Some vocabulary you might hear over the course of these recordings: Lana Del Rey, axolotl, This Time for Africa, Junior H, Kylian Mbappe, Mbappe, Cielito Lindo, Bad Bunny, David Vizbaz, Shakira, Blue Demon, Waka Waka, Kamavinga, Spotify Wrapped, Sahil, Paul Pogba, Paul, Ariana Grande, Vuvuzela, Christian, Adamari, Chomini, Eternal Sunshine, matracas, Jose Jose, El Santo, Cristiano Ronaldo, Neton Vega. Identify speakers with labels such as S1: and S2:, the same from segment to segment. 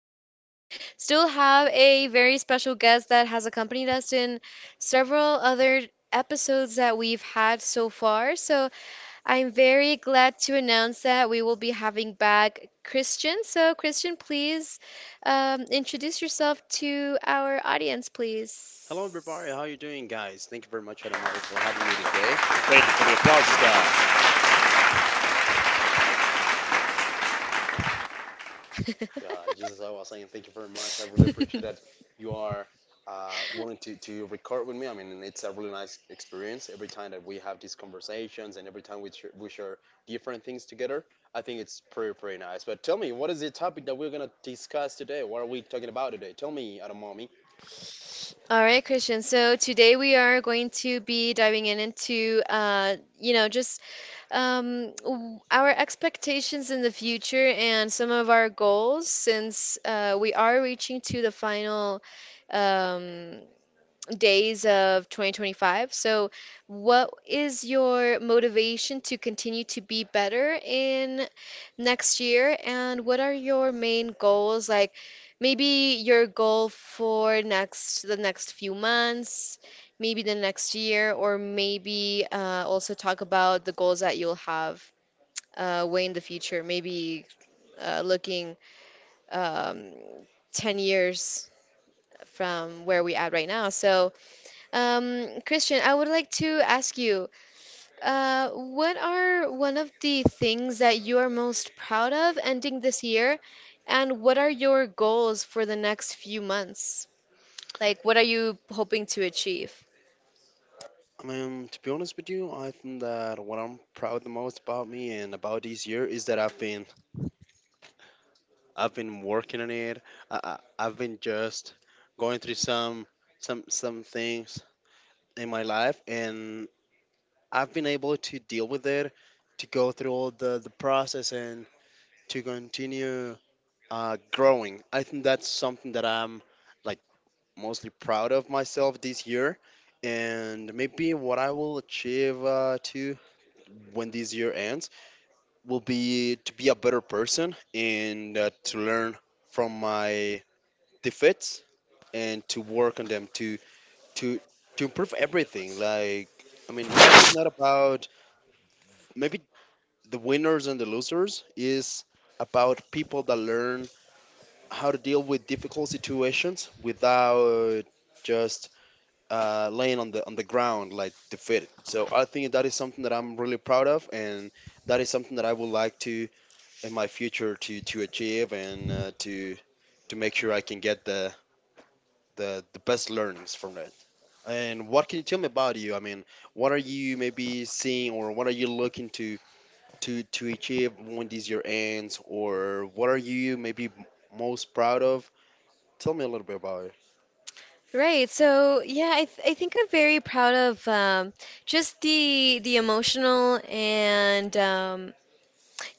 S1: today we still have a very special guest that has accompanied us in several other episodes that we've had so far. So I'm very glad to announce that we will be having back Christian. So, Christian, please introduce yourself to our audience, please.
S2: Hello, everybody. How you doing, guys? Thank you very much, Adamari, for having me today. Thank you for the applauses, guys. Yeah, just as I was saying, thank you very much. I really appreciate that you are willing to record with me. I mean, it's a really nice experience every time that we have these conversations and every time we share different things together. I think it's pretty nice. But tell me, what is the topic that we're going to discuss today? What are we talking about today? Tell me, Adamami.
S1: All right, Christian. So today we are going to be diving in into, just our expectations in the future and some of our goals since we are reaching to the final. Um, days of 2025. So, what is your motivation to continue to be better in next year? And what are your main goals? Like maybe your goal for next the next few months, maybe the next year, or maybe also talk about the goals that you'll have way in the future, maybe looking um, 10 years from where we at right now. So, Christian, I would like to ask you, what are one of the things that you are most proud of ending this year, and what are your goals for the next few months? Like, what are you hoping to achieve?
S2: I mean, to be honest with you, I think that what I'm proud the most about me and about this year is that I've been working on it. I, I've been just going through some things in my life, and I've been able to deal with it, to go through all the process, and to continue growing. I think that's something that I'm like mostly proud of myself this year, and maybe what I will achieve too when this year ends will be to be a better person and to learn from my defeats and to work on them to to improve everything. Like, I mean, life is not about maybe the winners and the losers, is about people that learn how to deal with difficult situations without just laying on the ground like defeated. So I think that is something that I'm really proud of, and that is something that I would like to in my future to achieve, and to make sure I can get the best learnings from that. And what can you tell me about you? I mean, what are you maybe seeing, or what are you looking to achieve when this year ends, or what are you maybe most proud of? Tell me a little bit about it.
S1: Right. So yeah, I think I'm very proud of just the emotional and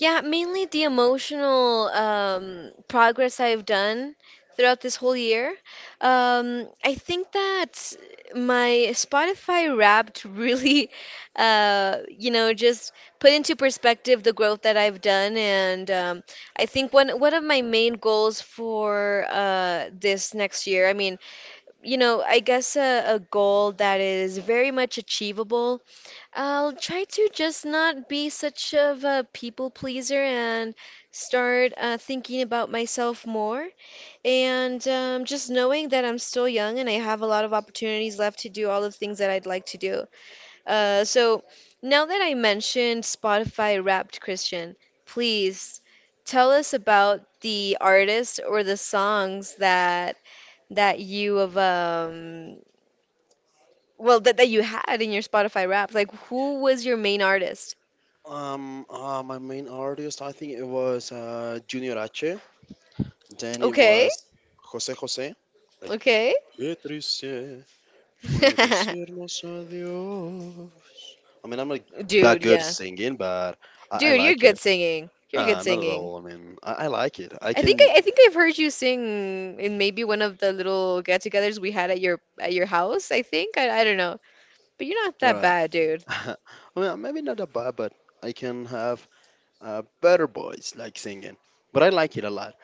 S1: yeah, mainly the emotional progress I've done throughout this whole year. I think that my Spotify Wrapped really, just put into perspective the growth that I've done, and I think one of my main goals for this next year. I mean, you know, I guess a goal that is very much achievable. I'll try to just not be such of a people pleaser and start thinking about myself more. And just knowing that I'm still young and I have a lot of opportunities left to do all the things that I'd like to do. So now that I mentioned Spotify Wrapped, Christian, please tell us about the artist or the songs that you have, well, that, that you had in your Spotify Wrapped. Like, who was your main artist?
S2: My main artist, I think it was Junior H. Then it
S1: Okay,
S2: was Jose Jose. Like,
S1: okay.
S2: qué triste fue decirnos adiós. I mean, I'm not that
S1: Dude,
S2: good at
S1: yeah.
S2: singing, but I
S1: Dude, you're
S2: like
S1: good
S2: it.
S1: singing. You're good
S2: Not at
S1: singing.
S2: all. I mean, I like it. I can,
S1: I think I've heard you sing in maybe one of the little get-togethers we had at your house, I think. I don't know. But you're not that
S2: right?
S1: bad, dude.
S2: I mean, maybe not a bad, but I can have better boys like singing. But I like it a lot.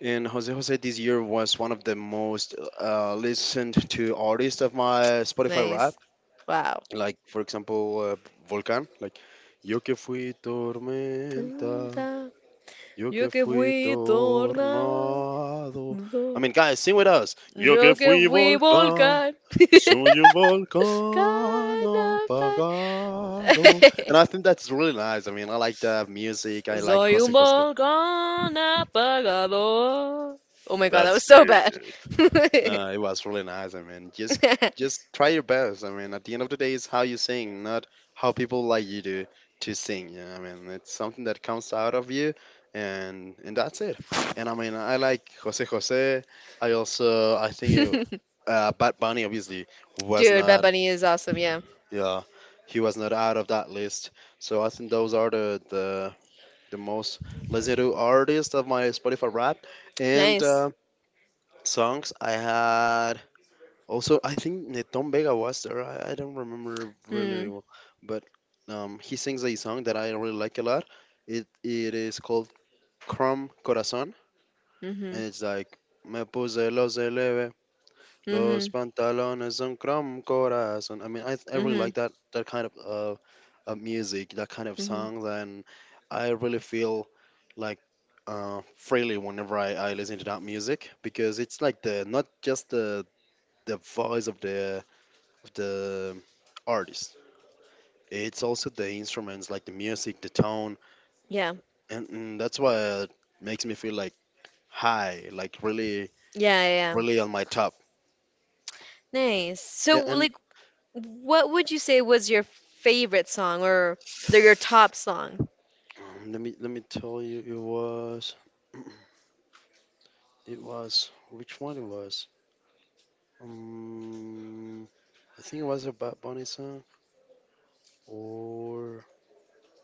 S2: And Jose Jose this year was one of the most listened to artists of my Spotify rap.
S1: Nice. Wow.
S2: Like, for example, Volcan. Like, yo que fui tormenta,
S1: Canta,
S2: yo
S1: yo
S2: que
S1: que
S2: fui
S1: fui tornado,
S2: tornado. I mean, guys, sing with us. Yo que
S1: yo que
S2: fui
S1: fui
S2: volcán.
S1: volcán.
S2: Soy un volcán
S1: Canapa.
S2: apagado. And I think that's really nice. I mean, I like the music. I like
S1: Soy un
S2: Jose Jose.
S1: volcán apagado. Oh my god, that was
S2: That's
S1: so
S2: it.
S1: bad.
S2: No, it was really nice. I mean, just try your best. I mean, at the end of the day, it's how you sing, not how people like you to sing. You know? I mean, it's something that comes out of you, and that's it. And I mean, I like Jose Jose. I also I think it, Bad Bunny obviously was
S1: Dude, Bad
S2: not.
S1: Bunny is awesome, yeah.
S2: Yeah, he was not out of that list. So I think those are the most listened to artists of my Spotify rap and
S1: Nice.
S2: songs. I had also I think Neton Vega was there. I don't remember really,
S1: Mm,
S2: but he sings a song that I really like a lot. It is called Crom Corazon, and
S1: hmm
S2: it's like Me puse los Los
S1: hmm
S2: pantalones son crom corazón. I mean, I really
S1: hmm
S2: like that kind of music, that kind of
S1: hmm
S2: songs, and I really feel like uh, freely whenever I listen to that music, because it's like the not just the voice of the artist. It's also the instruments, like the music, the tone,
S1: Yeah.
S2: and that's why it makes me feel like high, like
S1: Yeah, yeah,
S2: really
S1: yeah.
S2: on my top.
S1: Nice. So,
S2: Yeah, and
S1: like, what would you say was your favorite song or your top song?
S2: Let me tell you, it was it was which one it was? Um, I think it was a Bad Bunny song, or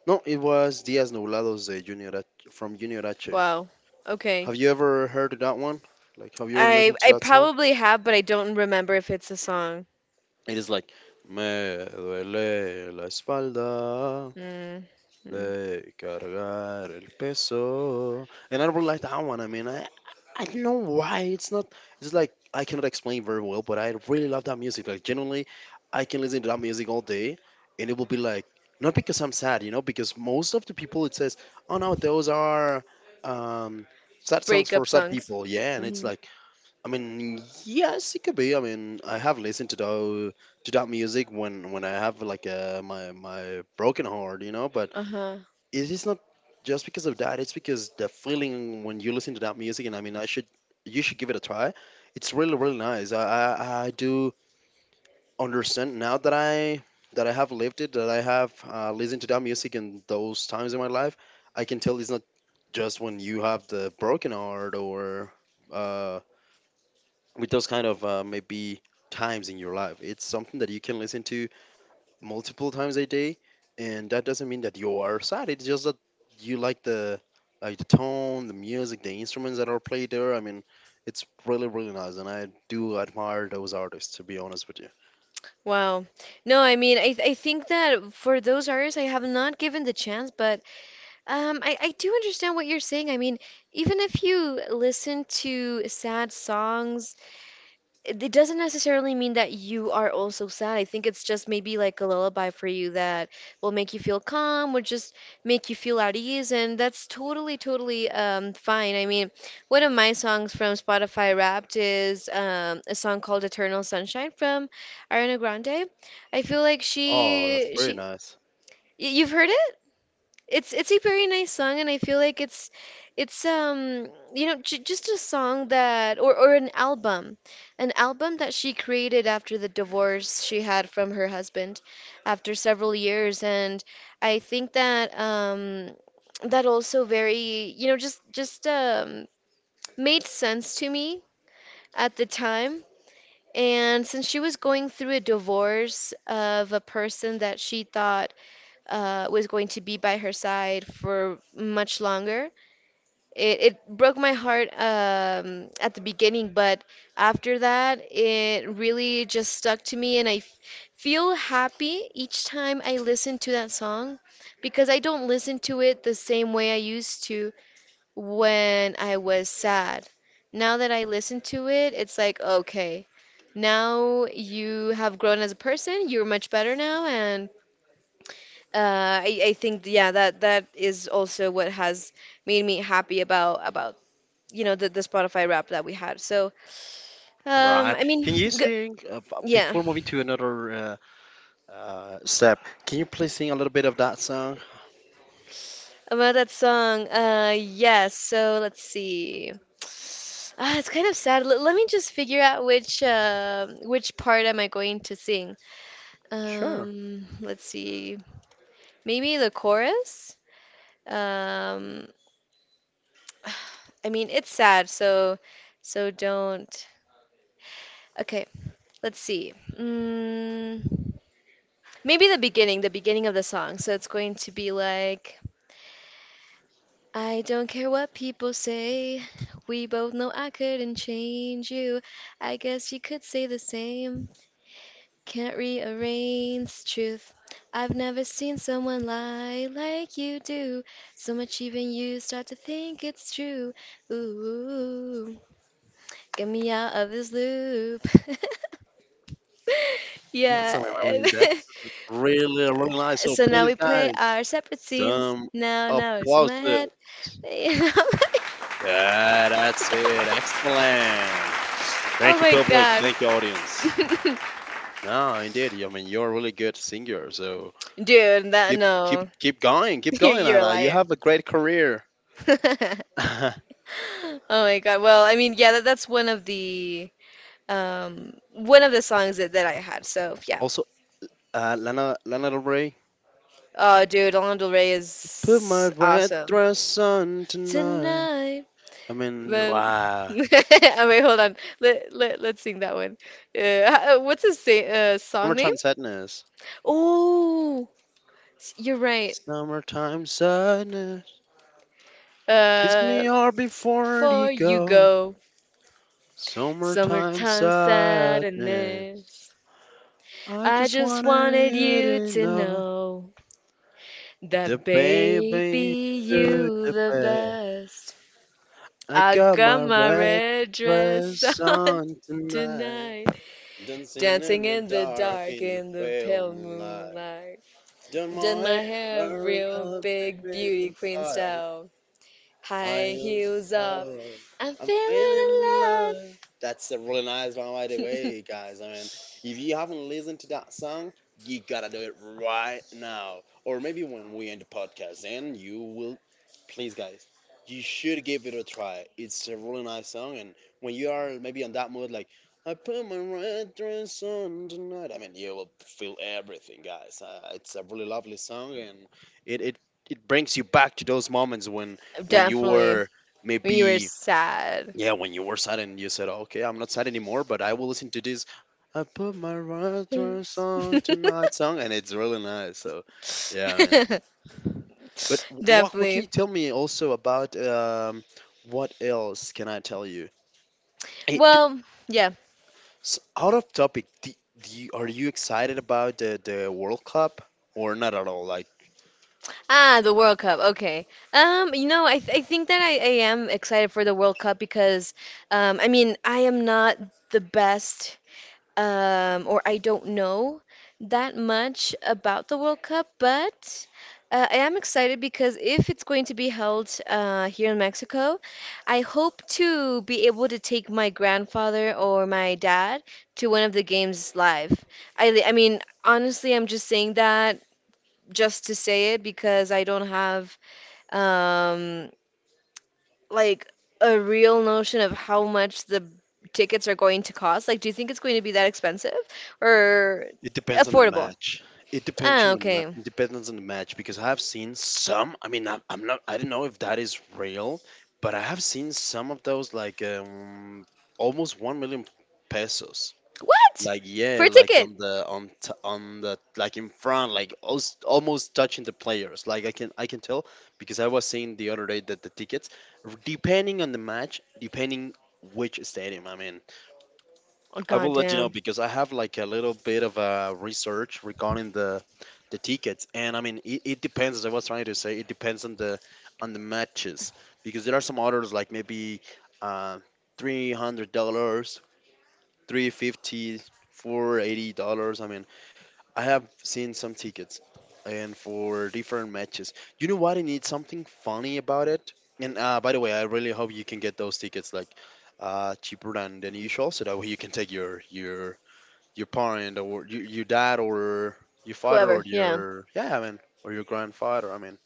S2: no, it was Diaz Nublados de Junior from Junior H.
S1: Wow. Okay.
S2: Have you ever heard that one? Like, have you ever
S1: I
S2: listened
S1: I
S2: to that song?
S1: probably have, but I don't remember if it's a song.
S2: It is like, me duele la espalda,
S1: Mm.
S2: de cargar el peso. And I don't like that one. I mean, I don't know why it's not. It's like I cannot explain very well, but I really love that music. Like, genuinely, I can listen to that music all day, and it will be like not because I'm sad, you know, because most of the people it says, oh no, those are um, sad songs for
S1: Breakup
S2: sad
S1: songs.
S2: people. Yeah, and it's
S1: Hmm.
S2: like, I mean, yes, it could be. I mean, I have listened to that music when I have like my my broken heart, you know. But
S1: Uh-huh.
S2: it is not just because of that. It's because the feeling when you listen to that music. And I mean, I should you should give it a try. It's really really nice. I do understand now that I have lived it, that I have listened to that music in those times in my life. I can tell it's not just when you have the broken heart, or uh, with those kind of maybe times in your life. It's something that you can listen to multiple times a day, and that doesn't mean that you are sad. It's just that you like the tone, the music, the instruments that are played there. I mean, it's really really nice, and I do admire those artists. To be honest with you.
S1: Wow. No, I mean, I think that for those artists, I have not given the chance, but I do understand what you're saying. I mean, even if you listen to sad songs, it doesn't necessarily mean that you are also sad. I think it's just maybe like a lullaby for you that will make you feel calm, would just make you feel at ease, and that's totally, totally fine. I mean, one of my songs from Spotify Wrapped is a song called "Eternal Sunshine" from Ariana Grande. I feel like
S2: Oh, that's very nice.
S1: you've heard it? It's a very nice song, and I feel like it's you know, j just a song that, or an album that she created after the divorce she had from her husband, after several years, and I think that that also, very you know, just made sense to me at the time. And since she was going through a divorce of a person that she thought was going to be by her side for much longer. It broke my heart at the beginning, but after that, it really just stuck to me, and feel happy each time I listen to that song because I don't listen to it the same way I used to when I was sad. Now that I listen to it, it's like, okay, now you have grown as a person, you're much better now, and I think, yeah, that that is also what has made me happy about you know, the Spotify rap that we had. So
S2: Right.
S1: I mean
S2: Can you
S1: g
S2: sing
S1: yeah,
S2: before moving to another step? Can you please sing a little bit of that song?
S1: about that song, yes, so let's see. Ah, it's kind of sad. L Let me just figure out which part am I going to sing.
S2: Sure.
S1: Let's see. Maybe the chorus. Um, I mean, it's sad, so so don't. Okay, let's see. Mm, maybe the beginning of the song. So it's going to be like, I don't care what people say. We both know I couldn't change you. I guess you could say the same. Can't rearrange truth. I've never seen someone lie like you do. So much even you start to think it's true. Ooh, get me out of this loop.
S2: Excellent. I
S1: Yeah.
S2: mean, that's really, really nice. So
S1: So now
S2: please,
S1: we play
S2: guys,
S1: our separate scenes.
S2: some
S1: Now, now it's in
S2: applause.
S1: my head.
S2: Yeah, that's it. Excellent.
S1: Oh
S2: Thank you,
S1: my
S2: public.
S1: God.
S2: Thank you, audience.
S1: Dude,
S2: No, indeed. I mean, you're a really good singer. So
S1: that
S2: keep
S1: no.
S2: keep keep going, keep going,
S1: You're a
S2: Ada. You
S1: liar.
S2: have a great career.
S1: Oh my God. Well, I mean, yeah, that, that's one of the songs that, that I had. So, yeah.
S2: Also, Lana Del Rey.
S1: Oh, dude, Lana Del Rey
S2: Put my
S1: is
S2: red
S1: awesome.
S2: dress on tonight.
S1: Tonight.
S2: I mean,
S1: When...
S2: wow.
S1: Oh, wait, hold on. Let's sing that one. What's his song name?
S2: Summertime sadness.
S1: Oh, you're right.
S2: Summertime sadness. Kiss
S1: Uh,
S2: me hard before you
S1: before you
S2: go.
S1: go,
S2: Summertime
S1: summertime
S2: sadness.
S1: sadness.
S2: I
S1: I
S2: just
S1: just
S2: wanted
S1: wanted
S2: you
S1: you
S2: to
S1: to
S2: know,
S1: know
S2: the
S1: that
S2: baby,
S1: baby,
S2: you
S1: you
S2: the
S1: the
S2: best.
S1: best.
S2: I
S1: I
S2: got
S1: got
S2: my
S1: my
S2: red
S1: red dress
S2: dress
S1: on
S2: on tonight,
S1: tonight,
S2: dancing
S1: dancing
S2: in the
S1: in the
S2: dark
S1: dark
S2: in the
S1: in the
S2: pale
S1: pale
S2: moonlight.
S1: moonlight.
S2: Done
S1: Did
S2: my
S1: my hair
S2: hair in
S1: real
S2: a big,
S1: big
S2: big
S1: beauty queen
S2: style.
S1: style. High
S2: Higher
S1: heels up.
S2: side.
S1: I'm
S2: I'm
S1: feeling
S2: feeling
S1: alive.
S2: alive. That's a really nice one, by the way, guys. I mean, if you haven't listened to that song, you gotta do it right now. Or maybe when we end the podcast, then you will. Please, guys, you should give it a try. It's a really nice song, and when you are maybe on that mood, like, I put my red dress on tonight, I mean, you will feel everything, guys. It's a really lovely song, and it, it, it brings you back to those moments when you
S1: Definitely.
S2: were
S1: When you were
S2: maybe,
S1: sad.
S2: yeah, when you were sad, and you said, okay, I'm not sad anymore, but I will listen to this. I put my reference
S1: Yes.
S2: on tonight song, and it's really nice. So yeah, man. But what can
S1: Definitely.
S2: you tell me also about what else can I tell you? Hey,
S1: Well, yeah.
S2: out of topic, do you, are you excited about the world cup or not at all? Like,
S1: Ah, the World Cup. Okay. You know, I think that I am excited for the World Cup because I mean, I am not the best, or I don't know that much about the World Cup, but I am excited because if it's going to be held here in Mexico, I hope to be able to take my grandfather or my dad to one of the games live. I mean, honestly, I'm just saying that just to say it because I don't have um, like a real notion of how much the tickets are going to cost? Like, do you think it's going to be that expensive or
S2: it depends on the
S1: affordable?
S2: match.
S1: Ah, okay.
S2: It depends on the match, because I have seen some. I mean, I'm not. I don't know if that is real, but I have seen some of those like almost 1 million pesos.
S1: What?
S2: Like,
S1: For
S2: yeah,
S1: a
S2: like
S1: ticket?
S2: on the on the, like in front, like almost touching the players. Like, I can tell, because I was seeing the other day that the tickets, depending on the match, depending which stadium. I mean,
S1: Oh,
S2: I will let you know,
S1: goddamn.
S2: because I have like a little bit of a research regarding the tickets, and I mean it, it depends. As I was trying to say, it depends on the matches, because there are some orders like maybe uh, $300, 350, $480. I mean, I have seen some tickets, and for different matches. You know what? I need something funny about it. And by the way, I really hope you can get those tickets like cheaper than usual, so that way you can take your your parent, or you, your dad, or your father,
S1: Whoever.
S2: or
S1: Yeah.
S2: your, yeah, I mean, or your grandfather. I mean,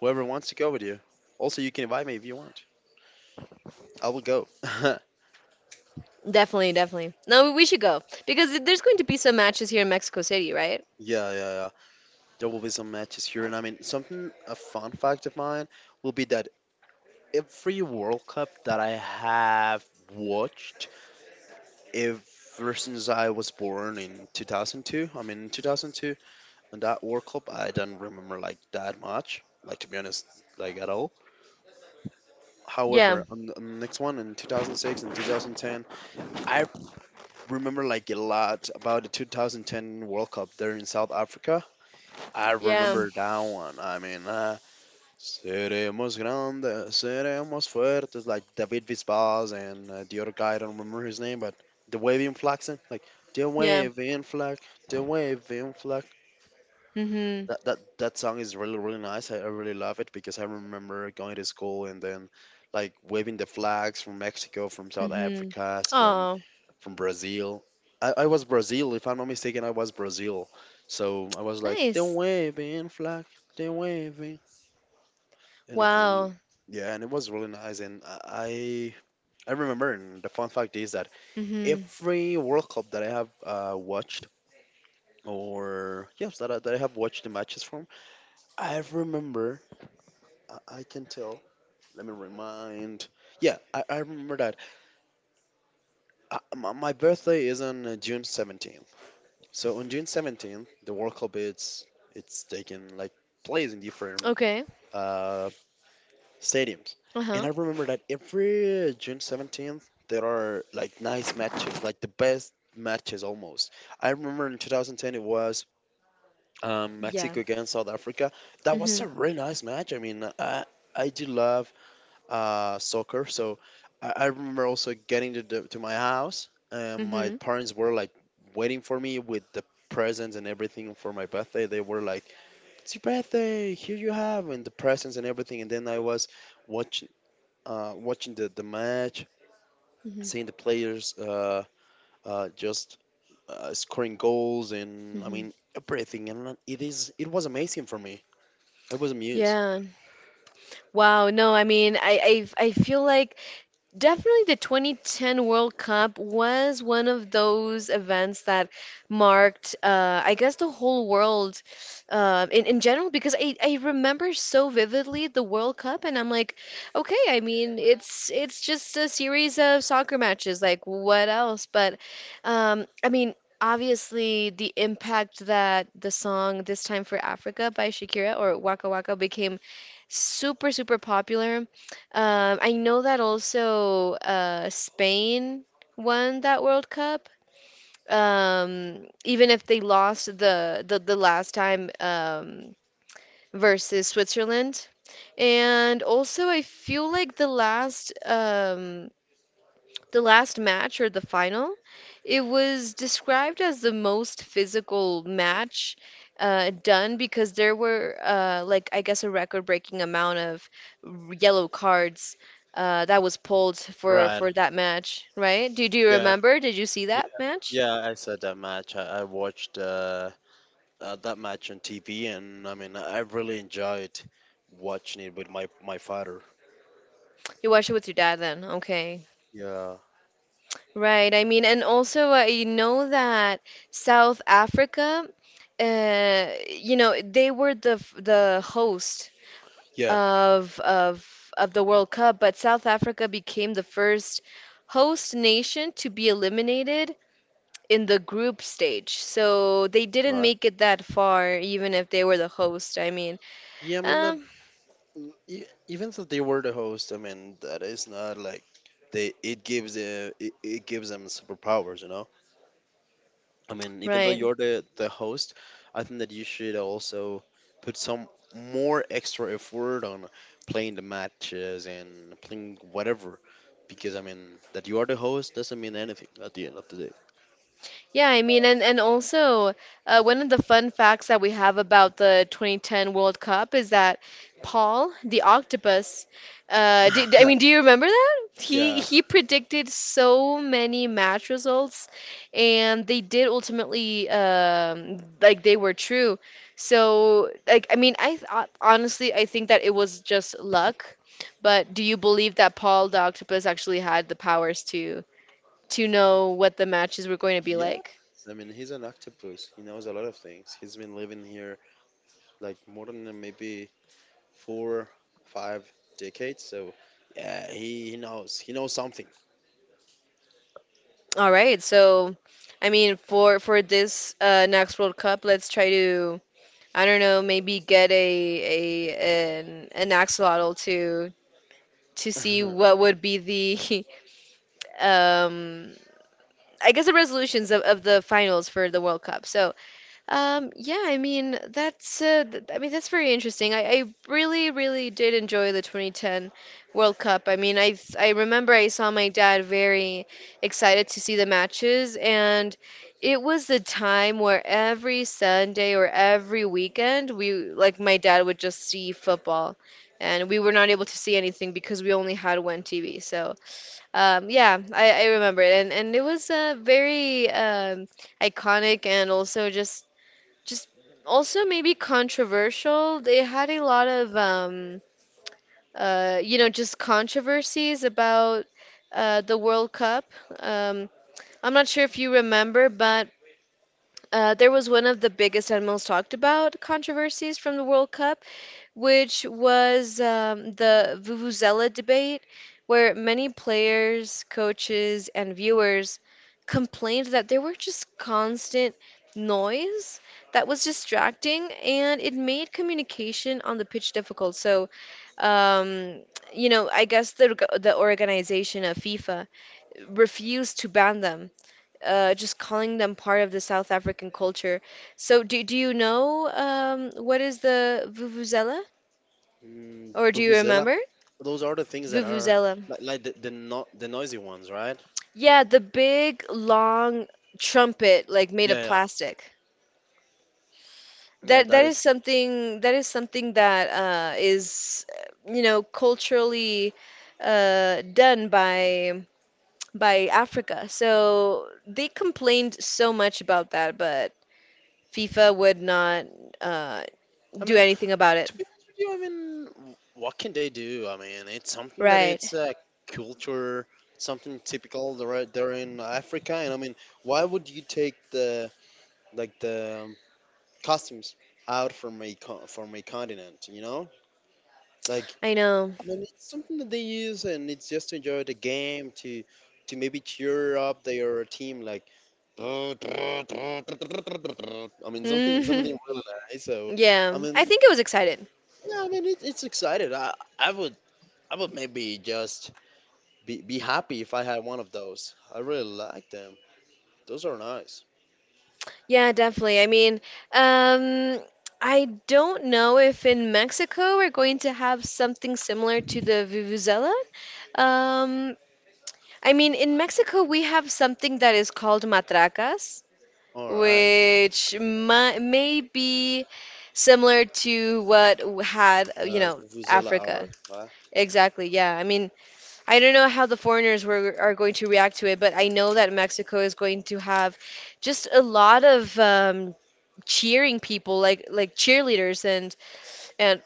S2: whoever wants to go with you. Also, you can invite me if you want. I will go. yeah,
S1: Definitely, definitely. No, we should go because there's going to be some matches here in Mexico City, right?
S2: yeah. There will be some matches here, and I mean, something a fun fact of mine will be that every World Cup that I have watched, ever since I was born in 2002, I mean, in 2002, on that World Cup, I don't remember like that much, like to be honest, like at all.
S1: Yeah.
S2: However, on the next one in 2006 and 2010, I remember like a lot about the 2010 World Cup there in South Africa. I
S1: Yeah.
S2: remember that one. I mean, seremos grandes, seremos fuertes, like David Vizbaz and the other guy, I don't remember his name, but the waving flag song, like the
S1: Yeah.
S2: waving flag, the waving flag.
S1: Mhm.
S2: That song is really really nice. I really love it because I remember going to school and then like waving the flags from Mexico, from South
S1: Mhm.
S2: Africa, from
S1: Oh,
S2: from Brazil. I was Brazil, if I'm not mistaken, I was Brazil. So I was like the
S1: nice.
S2: waving flag, the waving, and, and
S1: Wow.
S2: yeah, and it was really nice. And I remember, and the fun fact is that
S1: Mhm.
S2: every World Cup that I have watched, or yes, that I have watched the matches from, I remember I can tell. Let me remind. Yeah, I remember that. My birthday is on June 17th. So on June 17th, the World Cup it's taking like place in different
S1: Okay.
S2: uh, stadiums. And I
S1: Uh-huh.
S2: remember that every June 17th there are like nice matches, like the best matches almost. I remember in 2010 it was
S1: Yeah.
S2: Mexico against South Africa. That was
S1: Mhm.
S2: a really nice match. I mean, I do love soccer. So I remember also getting to my house, and my
S1: Mhm.
S2: parents were like waiting for me with the presents and everything for my birthday. They were like, "It's your birthday! Here you have and the presents and everything." And then I was watching watching the match,
S1: Mhm.
S2: seeing the players just scoring goals, and I
S1: Mhm.
S2: mean everything. And uh, it was amazing for me. I was amused.
S1: Yeah, wow, no, I mean, I feel like, definitely the 2010 World Cup was one of those events that marked, I guess, the whole world in general, because I remember so vividly the World Cup, and I'm like, okay, I mean, it's just a series of soccer matches, like what else? But I mean, obviously the impact that the song This Time for Africa by Shakira or Waka Waka became super, super popular. I know that also Spain won that World Cup. Even if they lost the last time versus Switzerland. And also, I feel like the last match or the final, it was described as the most physical match done because there were, like, I guess, a record-breaking amount of yellow cards that was pulled for
S2: Right.
S1: that match, right? Do, do you
S2: Yeah.
S1: remember? Did you see that match?
S2: Yeah, I saw that match. I watched that match on TV, and I mean, I really enjoyed watching it with my my father.
S1: You watched it with your dad then. Okay.
S2: Yeah,
S1: Right. I mean, and also I know that South Africa, you know, they were the the host
S2: yeah,
S1: of the World Cup, but South Africa became the first host nation to be eliminated in the group stage. So they didn't
S2: right.
S1: make it that far, even if they were the host. I mean,
S2: Yeah, I mean that
S1: um,
S2: even though they were the host, I mean that is not like they it gives it gives them superpowers, you know. I mean, even though
S1: right.
S2: you're the host, I think that you should also put some more extra effort on playing the matches and playing whatever because I mean that you are the host doesn't mean anything at the end of the day.
S1: Yeah, I mean, and also, one of the fun facts that we have about the 2010 World Cup is that Paul, the octopus, did, I mean, do you remember that?
S2: Yeah.
S1: He predicted so many match results, and they did ultimately, like, they were true. So, like, I mean, I th honestly, I think that it was just luck. But do you believe that Paul, the octopus, actually had the powers to know what the matches were going to be
S2: Yeah.
S1: like?
S2: I mean, he's an octopus. He knows a lot of things. He's been living here like more than maybe four, five decades. So, yeah, he knows. He knows something.
S1: All right, so for this next World Cup, let's try to, I don't know, maybe get a an axolotl to see what would be the um I guess the resolutions of the finals for the World Cup. So, yeah, I mean that's th I mean that's very interesting. I really really did enjoy the 2010 World Cup. I mean, I remember I saw my dad very excited to see the matches, and it was the time where every Sunday or every weekend we, like, my dad would just see football, and we were not able to see anything because we only had one TV. So, yeah, I remember it, and it was very iconic and also just just also maybe controversial. They had a lot of just controversies about the World Cup. Um I'm not sure if you remember, but there was one of the biggest and most talked about controversies from the World Cup, which was the Vuvuzela debate, where many players, coaches, and viewers complained that there were just constant noise that was distracting and it made communication on the pitch difficult. So, um, I guess the organization of FIFA refused to ban them. Just calling them part of the South African culture. So, do you know what is the Vuvuzela? Or do you
S2: Vuvuzela.
S1: remember?
S2: Those are the things that are
S1: Vuvuzela.
S2: like the, no- the noisy ones, right?
S1: Yeah, the big long trumpet, like, made of
S2: Yeah,
S1: plastic.
S2: yeah. Yeah,
S1: That
S2: that
S1: that
S2: is.
S1: is something, that is something that is, you know, culturally done by Africa. So they complained so much about that, but FIFA would not, uh,
S2: I
S1: do
S2: mean,
S1: anything about it.
S2: to be with you, I mean, what can they do? I mean, it's something that
S1: Right.
S2: it's a culture, something typical they're right there in Africa, and I mean, why would you take the like the costumes out from a continent? You know, like
S1: I know.
S2: I mean, it's something that they use, and it's just to enjoy the game to maybe cheer up their team, like. I mean something
S1: Hmm.
S2: something really nice. So
S1: Yeah.
S2: I
S1: I
S2: mean
S1: think it was excited.
S2: yeah, I mean it's excited. I would I would maybe just be happy if I had one of those. I really like them. Those are nice.
S1: Yeah, definitely. I mean, um, I don't know if in Mexico we're going to have something similar to the vuvuzela. Um, I mean, in Mexico we have something that is called matracas,
S2: All right.
S1: which mi— may be similar to what had, you know,
S2: Vuvuzela
S1: Africa.
S2: art. Huh?
S1: Exactly. Yeah. I mean, I don't know how the foreigners were are going to react to it, but I know that Mexico is going to have just a lot of cheering people, like, cheerleaders, and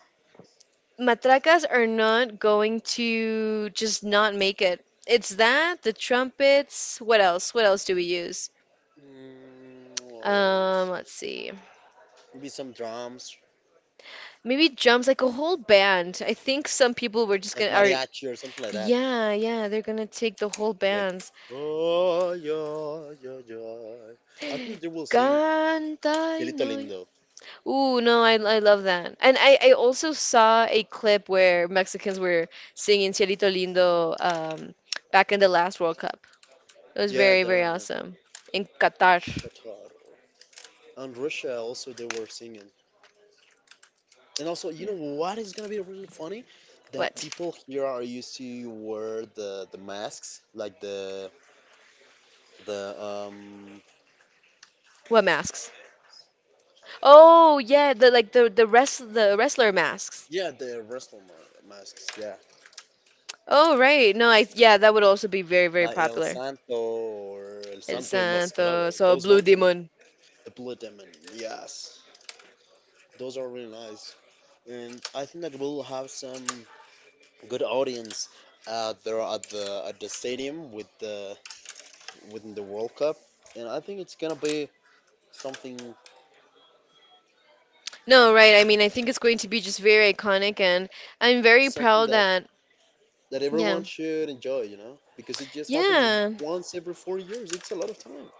S1: matracas are not going to just not make it. It's that, the trumpets, what else? What else do we use?
S2: Mm, what else?
S1: Let's see.
S2: Maybe some drums,
S1: Maybe drums, like a whole band. I think some people were just
S2: like
S1: gonna— are—
S2: mariachi or something like that.
S1: yeah, yeah, they're gonna take the whole
S2: Like,
S1: bands.
S2: oh, yo, yo, yo. I think they will sing Cielito
S1: Canta—
S2: Lindo.
S1: ooh, no, I love that. And I also saw a clip where Mexicans were singing Cielito Lindo, back in the last World Cup. It was
S2: Yeah,
S1: very, very
S2: Darian,
S1: awesome. In Qatar.
S2: Qatar. And Russia also, they were singing. And also, you
S1: Yeah.
S2: know what is gonna be really funny? That
S1: What?
S2: people here are used to wear the masks, like the
S1: What masks? Oh, yeah, the like the wrestler masks.
S2: yeah the wrestler masks, yeah,
S1: Oh, right. No, I— yeah, that would also be very, very
S2: like El
S1: popular.
S2: Santo or El
S1: El
S2: Santo
S1: Santo,
S2: Enmascarado.
S1: so
S2: Those
S1: Blue
S2: ones, I mean,
S1: Demon.
S2: the Blood Demon. Yes, those are really nice, and I think that we'll have some good audience out there at the stadium with the within the World Cup, and I think it's gonna be something
S1: No, right. I mean, I think it's going to be just very iconic, and I'm very
S2: something
S1: proud
S2: that
S1: that—
S2: that
S1: yeah.
S2: everyone should enjoy, you know, because it just happens
S1: Yeah.
S2: once every 4 years. It's a lot of time.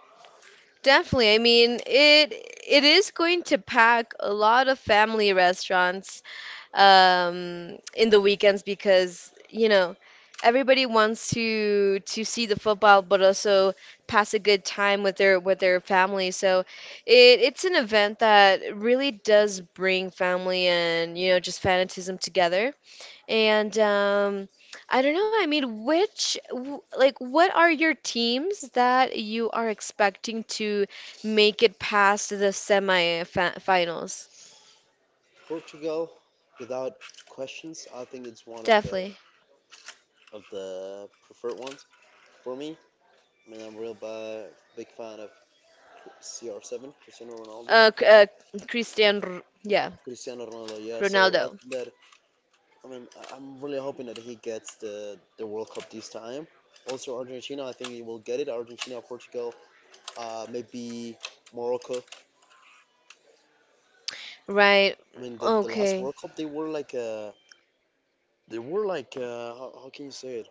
S1: Definitely. I mean, it is going to pack a lot of family restaurants in the weekends because, you know, everybody wants to see the football but also pass a good time with their family. So it, it's an event that really does bring family and, you know, just fanatism together. And I don't know, I mean, which, like, what are your teams that you are expecting to make it past the semi-finals?
S2: Portugal, without questions, I think it's one of the
S1: Definitely.
S2: of the preferred ones for me. I mean, I'm real bi- big fan of CR7, Cristiano Ronaldo.
S1: Uh, C- uh, Cristiano, R— yeah,
S2: Cristiano Ronaldo, yeah. So I
S1: Ronaldo,
S2: think that I mean, I'm really hoping that he gets the World Cup this time. Also, Argentina, I think he will get it. Argentina, Portugal, maybe Morocco.
S1: right?
S2: I mean, the last
S1: Okay.
S2: World Cup, they were like they were like, how can you say it?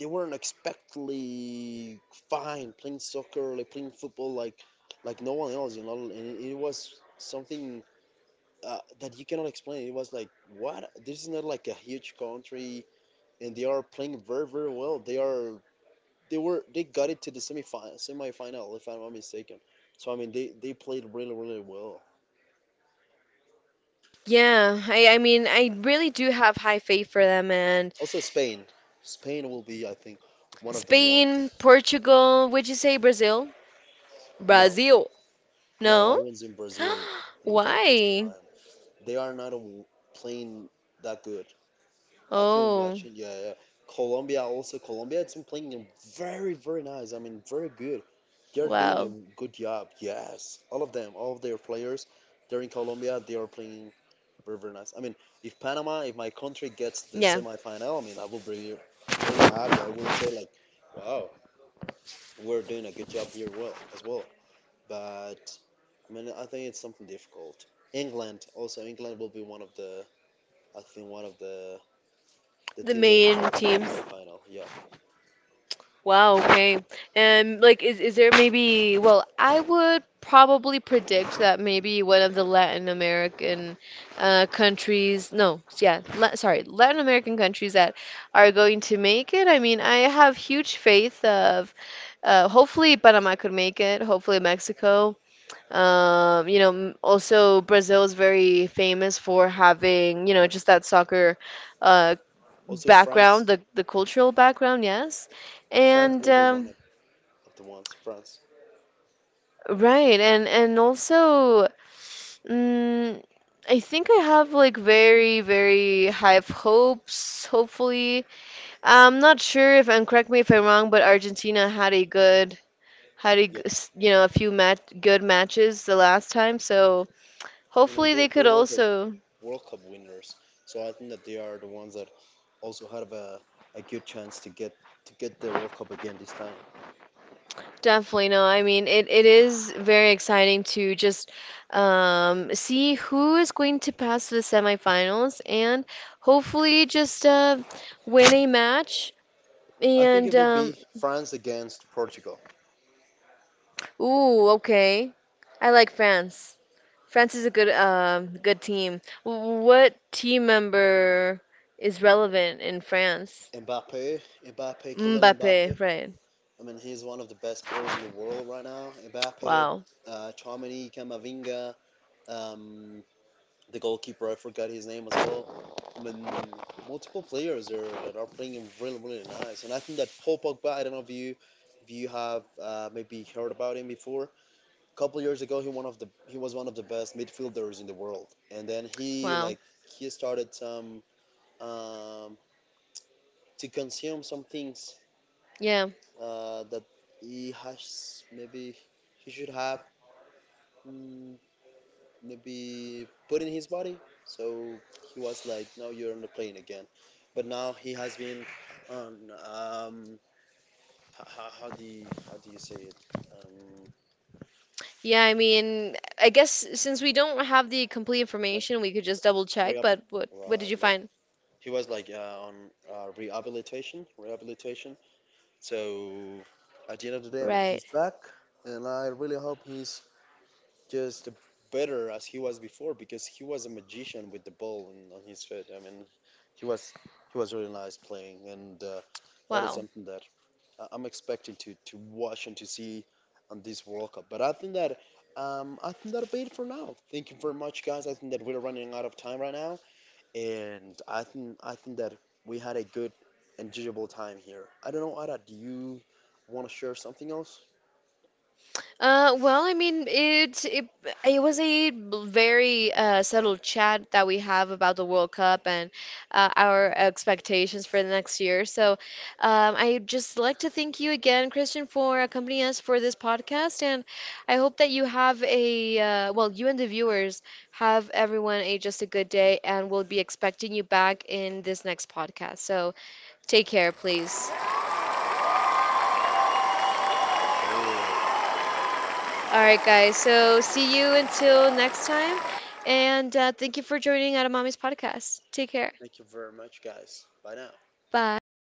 S2: They were unexpectedly fine playing soccer, like playing football, like no one else, you know. And it was something that you cannot explain. It was like, what? This is not like a huge country, and they are playing very very well. They got it to the semi semi final, if I'm not mistaken. So I mean, they played really really well.
S1: Yeah, I mean, I really do have high faith for them. And
S2: Also Spain, Spain will be I think one of the ones.
S1: Spain, Portugal, would you say Brazil?
S2: No,
S1: Brazil.
S2: no,
S1: No?
S2: I was in Brazil will get it this
S1: Why?
S2: time. They are not playing that good. I've been
S1: Oh,
S2: watching. Yeah, yeah. Colombia also. Colombia, it's been playing very, very nice. I mean, very good. They're doing a
S1: wow.
S2: good job. Yes, all of them, all of their players, they're in Colombia. They are playing very, very nice. I mean, if Panama, if my country gets the
S1: Yeah.
S2: semifinal, I mean, I will be really happy. I will say like, wow, we're doing a good job here, well as well. But I mean, I think it's something difficult. England, also England will be one of the, I think one of the
S1: The
S2: teams that will get
S1: main
S2: a ticket to the
S1: teams.
S2: semi-final. Yeah.
S1: Wow, okay. And, like, is there maybe, well, I would probably predict that maybe one of the Latin American countries, no, yeah, la— sorry, Latin American countries that are going to make it. I mean, I have huge faith of hopefully Panama could make it, hopefully Mexico. You know, also Brazil is very famous for having, you know, just that soccer uh
S2: Also France,
S1: background, the cultural background, yes,
S2: France
S1: and
S2: will be one of the ones. France.
S1: right, and also, mm, I think I have, like, very very high of hopes. Hopefully, I'm not sure if— and correct me if I'm wrong, but Argentina had a good, had a g-
S2: Yeah.
S1: s- you know a few mat— good matches the last time, so
S2: I mean,
S1: hopefully they
S2: they,
S1: could
S2: they were the
S1: also.
S2: World Cup winners, so I think that they are the ones that also have a good chance to get the World Cup again this time.
S1: Definitely, no. I mean, it is very exciting to just, see who is going to pass to the semifinals and hopefully just win a match.
S2: I think
S1: And
S2: it will be France against Portugal.
S1: ooh, okay. I like France. France is a good good team. What team member is relevant in France?
S2: Mbappe, Mbappe, Kylian
S1: Mbappe,
S2: Mbappe.
S1: right.
S2: I mean, he's one of the best players in the world right now. Mbappe,
S1: Wow.
S2: Chomini, Kamavinga, um, the goalkeeper, I forgot his name as well. I mean, multiple players are, that are playing really, really nice. And I think that Paul Pogba, I don't know if you have maybe heard about him before. A couple years ago, he was one of the best midfielders in the world. And then he
S1: Wow.
S2: like he started some um, to consume some things
S1: Yeah.
S2: that he has maybe he should have mm, maybe put in his body. So he was like, "No, you're on the plane again." But now he has been on how do you say it? Um,
S1: Yeah, I mean, I guess since we don't have the complete
S2: like
S1: information, we could just double check,
S2: rehab,
S1: but what
S2: right?
S1: did you
S2: Like
S1: find?
S2: he was like on rehabilitation, rehabilitation. So at the end of the day, I mean, he's
S1: Right.
S2: back, and I really hope he's just better as he was before because he was a magician with the ball in, on his feet. I mean, he was he was really nice playing, and that is
S1: Wow.
S2: something that I'm expecting to watch and to see on this World Cup. But I think that I think that'll be it for now. Thank you very much, guys. I think that we're running out of time right now, and I think that we had a good, enjoyable time here. I don't know, Ada, do you want to share something else?
S1: Well, I mean, it was a b— very subtle chat that we have about the World Cup and our expectations for the next year. So, I just like to thank you again, Christian, for accompanying us for this podcast, and I hope that you have a, well, you and the viewers have— everyone— a just a good day, and we'll be expecting you back in this next podcast. So, take care, please.
S2: That's it.
S1: All right, guys. So see you until next time. And thank you for joining Out of Mommy's podcast. Take
S2: Thank you very
S1: care.
S2: much, guys. Bye now.
S1: Bye.